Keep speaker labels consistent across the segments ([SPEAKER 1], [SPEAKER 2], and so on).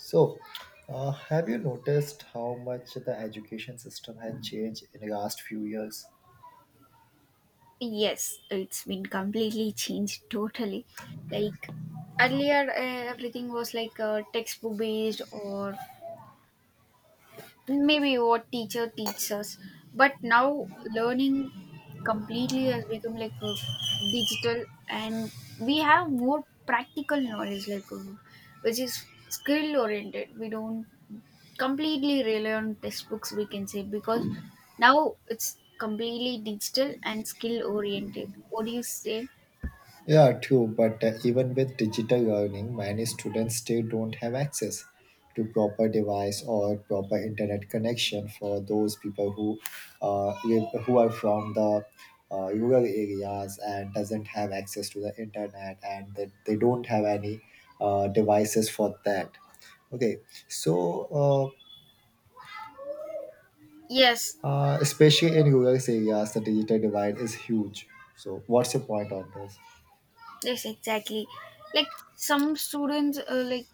[SPEAKER 1] So, have you noticed how much the education system has changed in the last few years?
[SPEAKER 2] Yes, it's been completely changed totally. Like earlier, everything was like textbook based, or maybe what teacher teaches us, but now learning completely has become like a digital, and we have more practical knowledge like which is skill oriented. We don't completely rely on textbooks, we can say, because now it's completely digital and skill oriented. What do you say?
[SPEAKER 1] Yeah, true. But even with digital learning, many students still don't have access to proper device or proper internet connection for those people who live, who are from the rural areas and doesn't have access to the internet and that they don't have any devices for that. Okay, so uh,
[SPEAKER 2] Yes.
[SPEAKER 1] Especially in rural areas, the digital divide is huge. So, what's your point on this?
[SPEAKER 2] Yes, exactly. Like some students, like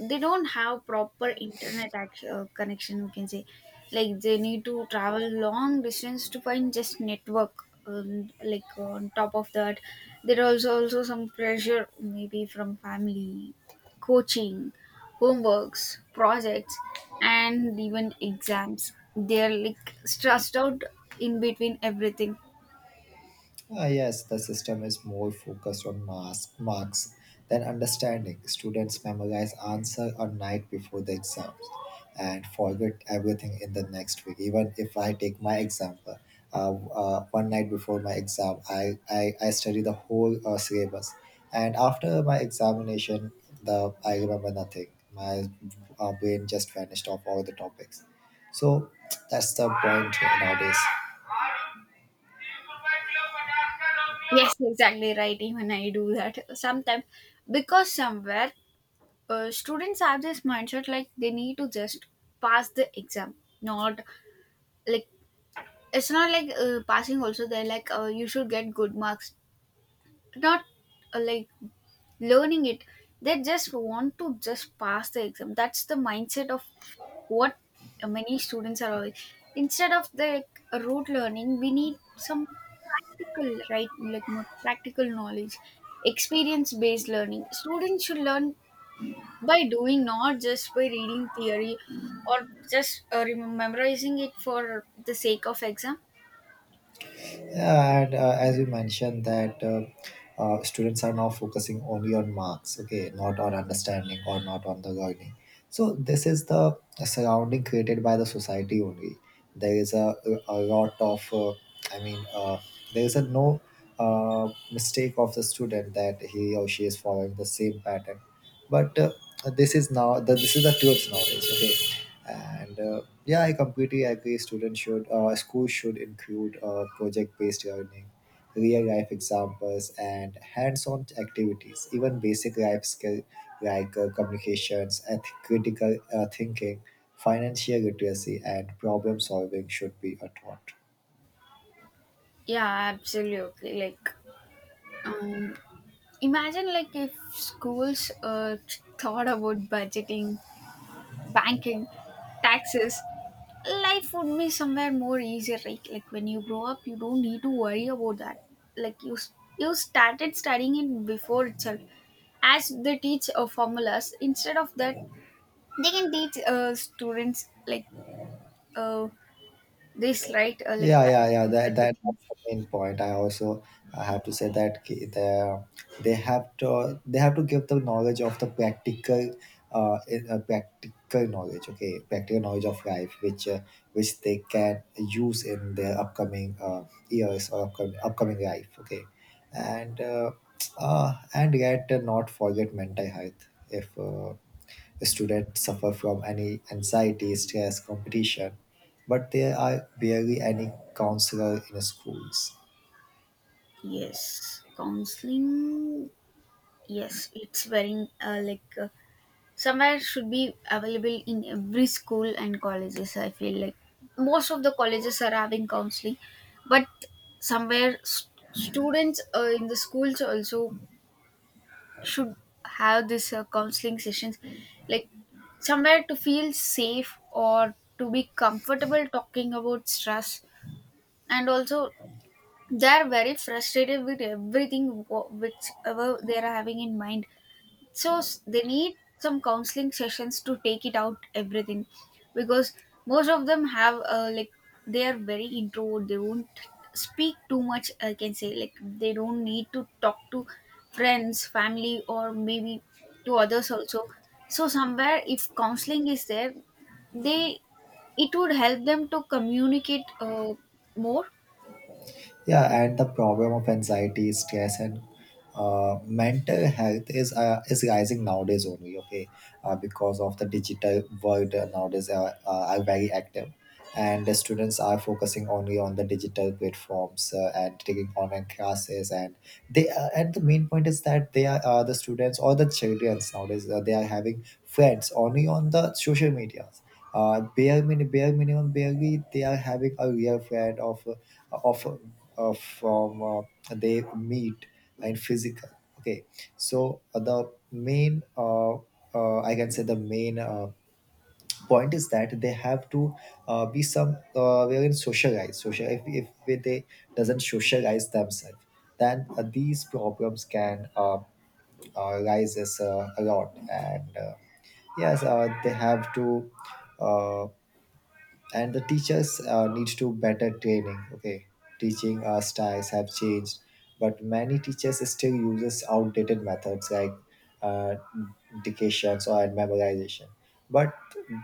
[SPEAKER 2] they don't have proper connection, we can say, like they need to travel long distance to find just network. Like on top of that, there are also some pressure maybe from family, coaching, homeworks, projects, and even exams. They are like stressed out in between everything.
[SPEAKER 1] Ah, yes, the system is more focused on marks than understanding. Students memorize answer a night before the exams and forget everything in the next week. Even if I take my example, one night before my exam, I study the whole syllabus. And after my examination, the I remember nothing. My brain just vanished off all the topics. So that's the point nowadays.
[SPEAKER 2] Yes, exactly right. Even I do that sometimes because somewhere students have this mindset like they need to just pass the exam, not, like, it's not like passing. Also, they're like you should get good marks, not, like, learning it. They just want to just pass the exam. That's the mindset of what many students are always, instead of the, like, rote learning, we need some practical, right, like more practical knowledge, experience based learning. Students should learn by doing, not just by reading theory or just memorizing it for the sake of exam.
[SPEAKER 1] Yeah, and as you mentioned that students are now focusing only on marks, okay, not on understanding or not on the learning. So this is the surrounding created by the society only. There is a lot of, I mean, uh, there is a no mistake of the student that he or she is following the same pattern. But this is this is the truth nowadays, okay, and. Yeah, I completely agree. Schools should include project-based learning, real-life examples, and hands-on activities. Even basic life skills like communications, critical thinking, financial literacy, and problem solving should be taught.
[SPEAKER 2] Yeah, absolutely. Like um imagine like if schools thought about budgeting, banking, taxes, life would be somewhere more easier, right? Like when you grow up, you don't need to worry about that. Like you, you started studying it before itself, as they teach formulas. Instead of that, they can teach students like uh, this, right? Like
[SPEAKER 1] Yeah, yeah, yeah.
[SPEAKER 2] banking,
[SPEAKER 1] That, that
[SPEAKER 2] budgeting.
[SPEAKER 1] that's the main point. I have to say that they have to give the knowledge of the practical, practical knowledge. Okay, practical knowledge of life, which they can use in their upcoming years or upcoming life. Okay, and and yet not forget mental health if. Students suffer from any anxiety, stress, competition, but there are barely any counselor in schools.
[SPEAKER 2] Yes, counseling. Yes, it's very like, somewhere should be available in every school and colleges. I feel like most of the colleges are having counseling, but somewhere students in the schools also should have this counseling sessions, like somewhere to feel safe or to be comfortable talking about stress, and also they are very frustrated with everything whichever they are having in mind, so they need some counseling sessions to take it out everything, because most of them have like they are very introvert, they won't speak too much, I can say, like they don't need to talk to friends, family, or maybe to others also. So somewhere if counseling is there, they, it would help them to communicate more.
[SPEAKER 1] Yeah, and the problem of anxiety, stress, and mental health is rising nowadays only. Okay, because of the digital world nowadays are very active, and the students are focusing only on the digital platforms and taking online classes. And they and the main point is that the students or the children nowadays they are having friends only on the social media bare minimum, barely they are having a real friend of, of from they meet and physical. Okay, so the main I can say the main point is that they have to be some wherein socialize. Social if they doesn't socialize themselves, then these problems can rise as, a lot and. Yes they have to uh, and the teachers needs to better training. Okay, teaching styles have changed, but many teachers still uses outdated methods like uh, dictations or memorization, but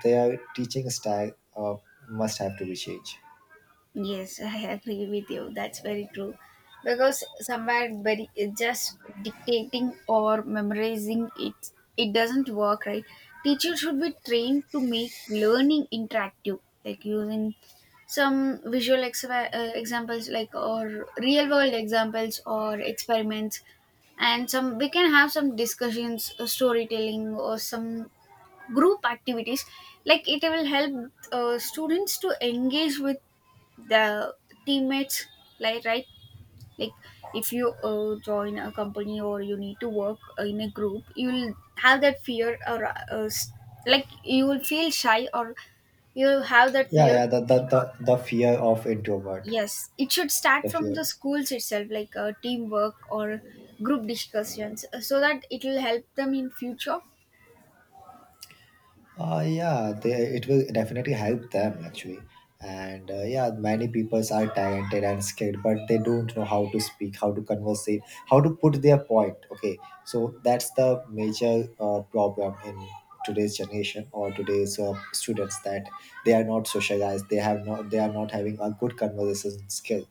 [SPEAKER 1] their teaching style must have to be changed.
[SPEAKER 2] Yes, I agree with you. That's very true. Because somewhere very just dictating or memorizing it, it doesn't work, right? Teachers should be trained to make learning interactive, like using some visual examples, like, or real world examples or experiments, and some, we can have some discussions, storytelling, or some group activities. Like it will help students to engage with the teammates, like, right, like if you join a company or you need to work in a group, you'll have that fear or like you will feel shy, or you have that
[SPEAKER 1] Yeah,
[SPEAKER 2] fear
[SPEAKER 1] yeah,
[SPEAKER 2] to speak out.
[SPEAKER 1] the fear of introvert,
[SPEAKER 2] Yes, it should start
[SPEAKER 1] the
[SPEAKER 2] from
[SPEAKER 1] fear.
[SPEAKER 2] the schools itself, like teamwork or group discussions, so that it will help them in future.
[SPEAKER 1] Yeah, it will definitely help them actually. And yeah, many people are talented and skilled, but they don't know how to speak, how to converse, how to put their point. Okay, so that's the major problem in today's generation or today's students that they are not socialized. They have not. They are not having a good conversation skill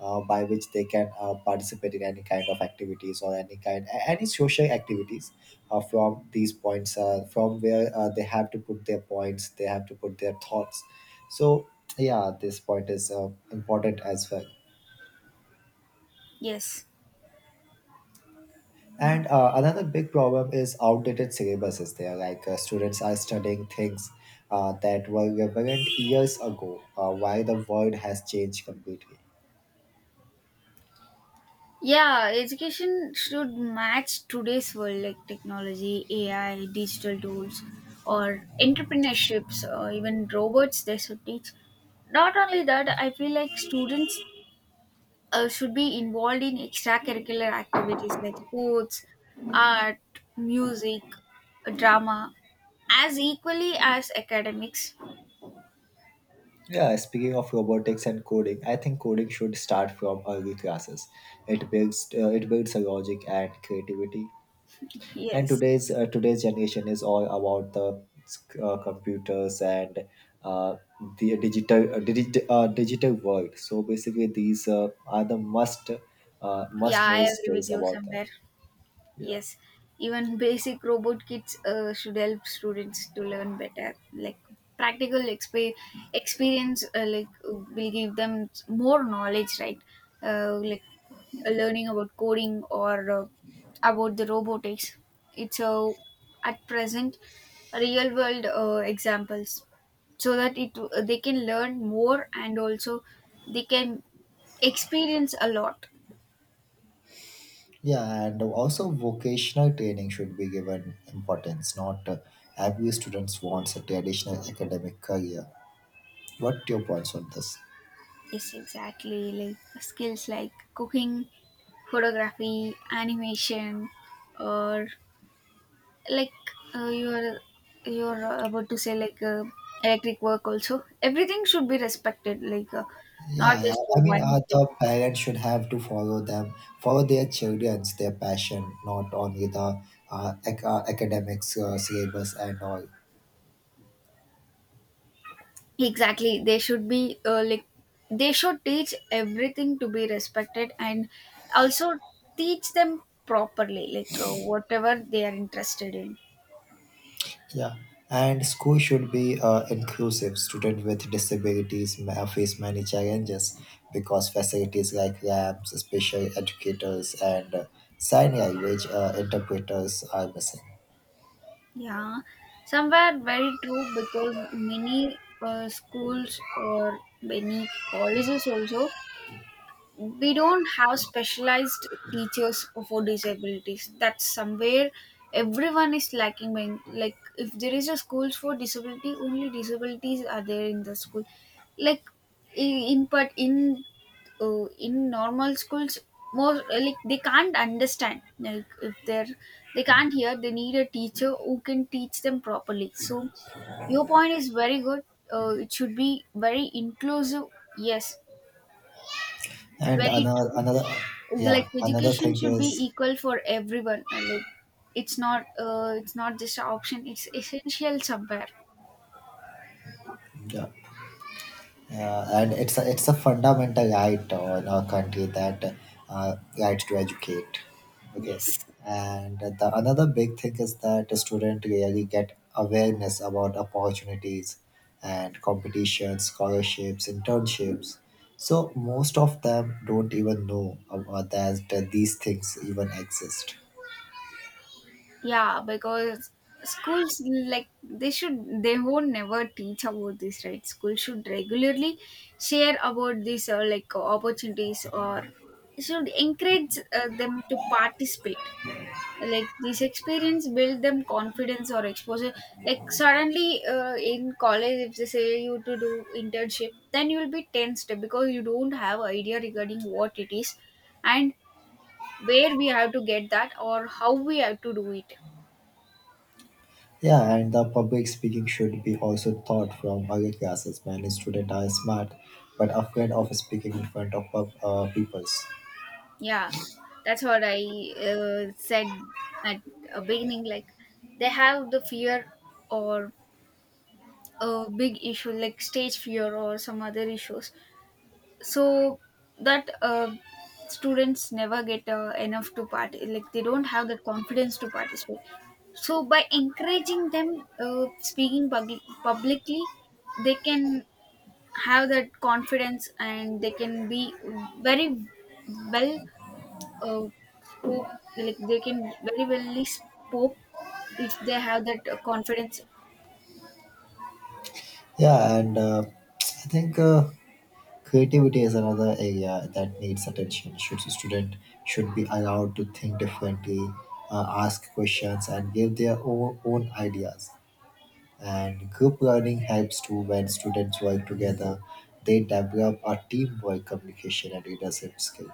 [SPEAKER 1] by which they can participate in any kind of activities or any social activities from these points from where they have to put their points, they have to put their thoughts. So yeah, this point is important as well.
[SPEAKER 2] Yes.
[SPEAKER 1] And another big problem is outdated syllabuses there, like students are studying things that were relevant years ago while the world has changed completely.
[SPEAKER 2] Yeah, education should match today's world, like technology, AI, digital tools, or entrepreneurships, or even robots they should teach. Not only that, I feel like students should be involved in extracurricular activities like sports, art, music, drama, as equally as academics.
[SPEAKER 1] Yeah, speaking of robotics and coding, I think coding should start from early classes. It builds a logic and creativity. And
[SPEAKER 2] Yes.
[SPEAKER 1] today's generation is all about the computers and uh, the digital world. So basically, these are the
[SPEAKER 2] Yeah,
[SPEAKER 1] must
[SPEAKER 2] I
[SPEAKER 1] know
[SPEAKER 2] agree with
[SPEAKER 1] skills
[SPEAKER 2] you
[SPEAKER 1] about them.
[SPEAKER 2] somewhere.
[SPEAKER 1] Yeah.
[SPEAKER 2] Yes, even basic robot kits should help students to learn better. Like practical experience, like, will give them more knowledge, right? Like learning about coding or about the robotics. It's at present real world examples, so that it, they can learn more, and also they can experience a lot.
[SPEAKER 1] Yeah, and also vocational training should be given importance. Not every students wants a traditional academic career. What your points on this?
[SPEAKER 2] Yes, exactly. Like skills like cooking, photography, animation, or like, uh, you're you're about to say, like electric work. Also, everything should be respected. Like, not
[SPEAKER 1] Yeah, yeah.
[SPEAKER 2] just
[SPEAKER 1] I mean,
[SPEAKER 2] one thing.
[SPEAKER 1] the parents should have to follow them, follow their passion, not only the academics syllabus and all.
[SPEAKER 2] Exactly. They should be like, they should teach everything to be respected, and also teach them properly, like whatever they are interested in.
[SPEAKER 1] Yeah, and school should be inclusive. Students with disabilities may face many challenges because facilities like labs, special educators, and sign language interpreters are missing.
[SPEAKER 2] Yeah, somewhere very true, because many schools or many colleges also, we don't have specialized teachers for disabilities. That's somewhere everyone is lacking by, like, if there is a schools for disability, only disabilities are there in the school, like I- in but in normal schools, more, like, they can't understand, like if they're, they can't hear, they need a teacher who can teach them properly. So your point is very good, it should be very inclusive. Yes,
[SPEAKER 1] And
[SPEAKER 2] very
[SPEAKER 1] another,
[SPEAKER 2] true.
[SPEAKER 1] another,
[SPEAKER 2] It's like
[SPEAKER 1] yeah, another
[SPEAKER 2] education
[SPEAKER 1] thing
[SPEAKER 2] should be
[SPEAKER 1] is,
[SPEAKER 2] equal for everyone. Uh, like it's not, it's not just an option, it's essential somewhere.
[SPEAKER 1] yeah. Yeah, and it's a fundamental right in our country that rights to educate. Okay,
[SPEAKER 2] Yes.
[SPEAKER 1] and the another big thing is that the student really get awareness about opportunities and competitions, scholarships, internships. So most of them don't even know about that, that these things even exist.
[SPEAKER 2] Yeah, because schools, like, they should, they won't never teach about this, right? Schools should regularly share about these like opportunities, or should encourage them to participate. Like this experience build them confidence or exposure. Like, suddenly in college, if they say you to do internship, then you will be tensed because you don't have idea regarding what it is, and where we have to get that or how we have to do it.
[SPEAKER 1] Yeah, and the public speaking should be also taught from early classes. Many students are smart but afraid of speaking in front of peoples.
[SPEAKER 2] Yeah, that's what I said at a beginning, like they have the fear, or a big issue like stage fear or some other issues. So that students never get enough to part, like they don't have that confidence to participate. So by encouraging them speaking publicly, they can have that confidence, and they can be very well, uh, spoke, like they can very well spoke if they have that confidence.
[SPEAKER 1] Yeah, and I think creativity is another area that needs attention. Should be allowed to think differently, ask questions, and give their own ideas. And group learning helps too when students work together. They develop a teamwork, communication, and leadership skill.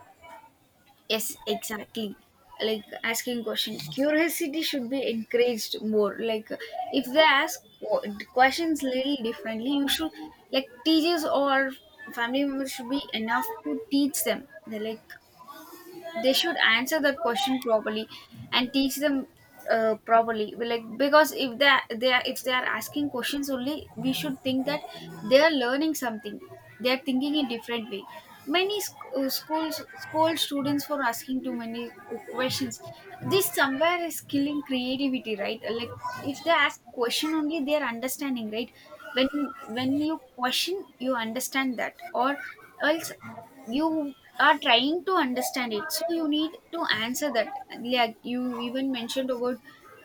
[SPEAKER 2] Yes, exactly. Like asking question, curiosity should be encouraged more. Like if they ask questions little differently, you should, like, teachers or family members should be enough to teach them. They're like, they should answer that question properly and teach them properly. We, like, because if they are, they are, if they are asking questions only, we should think that they are learning something, they are thinking in different way. Many schools scold students for asking too many questions. This somewhere is killing creativity, right? Like if they ask question only, they are understanding, right? when when you question, you understand that, or else you are trying to understand it, so you need to answer that. Like, you even mentioned about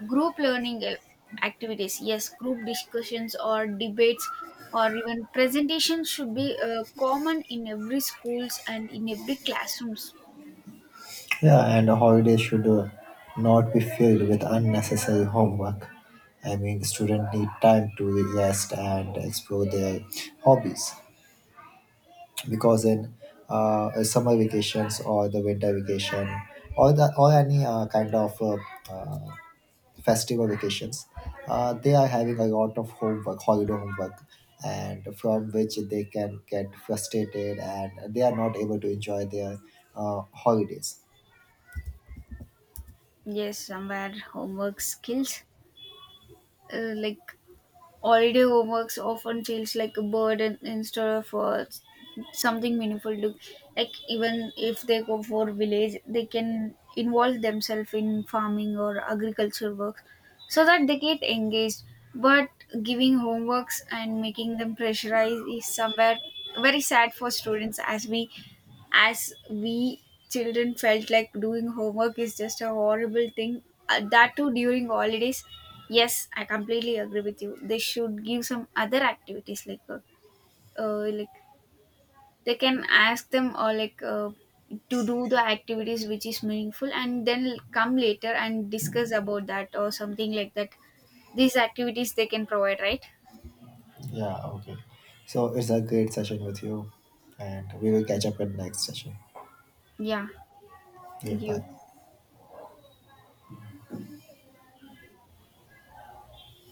[SPEAKER 2] group learning activities. Yes, group discussions or debates or even presentations should be common in every schools and in every classrooms.
[SPEAKER 1] Yeah, and holidays should not be filled with unnecessary homework. I mean, students need time to rest and explore their hobbies, because in summer vacations or the winter vacation or the or any kind of uh, festival vacations, they are having a lot of homework, holiday homework, and from which they can get frustrated and they are not able to enjoy their holidays.
[SPEAKER 2] Yes, somewhere homework skills, like, holiday homeworks often feels like a burden instead of something meaningful to, like, even if they go for village, they can involve themselves in farming or agriculture work, so that they get engaged. But giving homeworks and making them pressurize is somewhere very sad for students. As we, as we children felt like doing homework is just a horrible thing, that too during holidays. Yes, I completely agree with you, they should give some other activities like, like, they can ask them, or like to do the activities which is meaningful, and then come later and discuss about that or something like that. These activities they can provide, right?
[SPEAKER 1] Yeah, okay. So it's a great session with you, and we will catch up in next session.
[SPEAKER 2] Yeah,
[SPEAKER 1] Yeah,
[SPEAKER 2] thank you.
[SPEAKER 1] bye.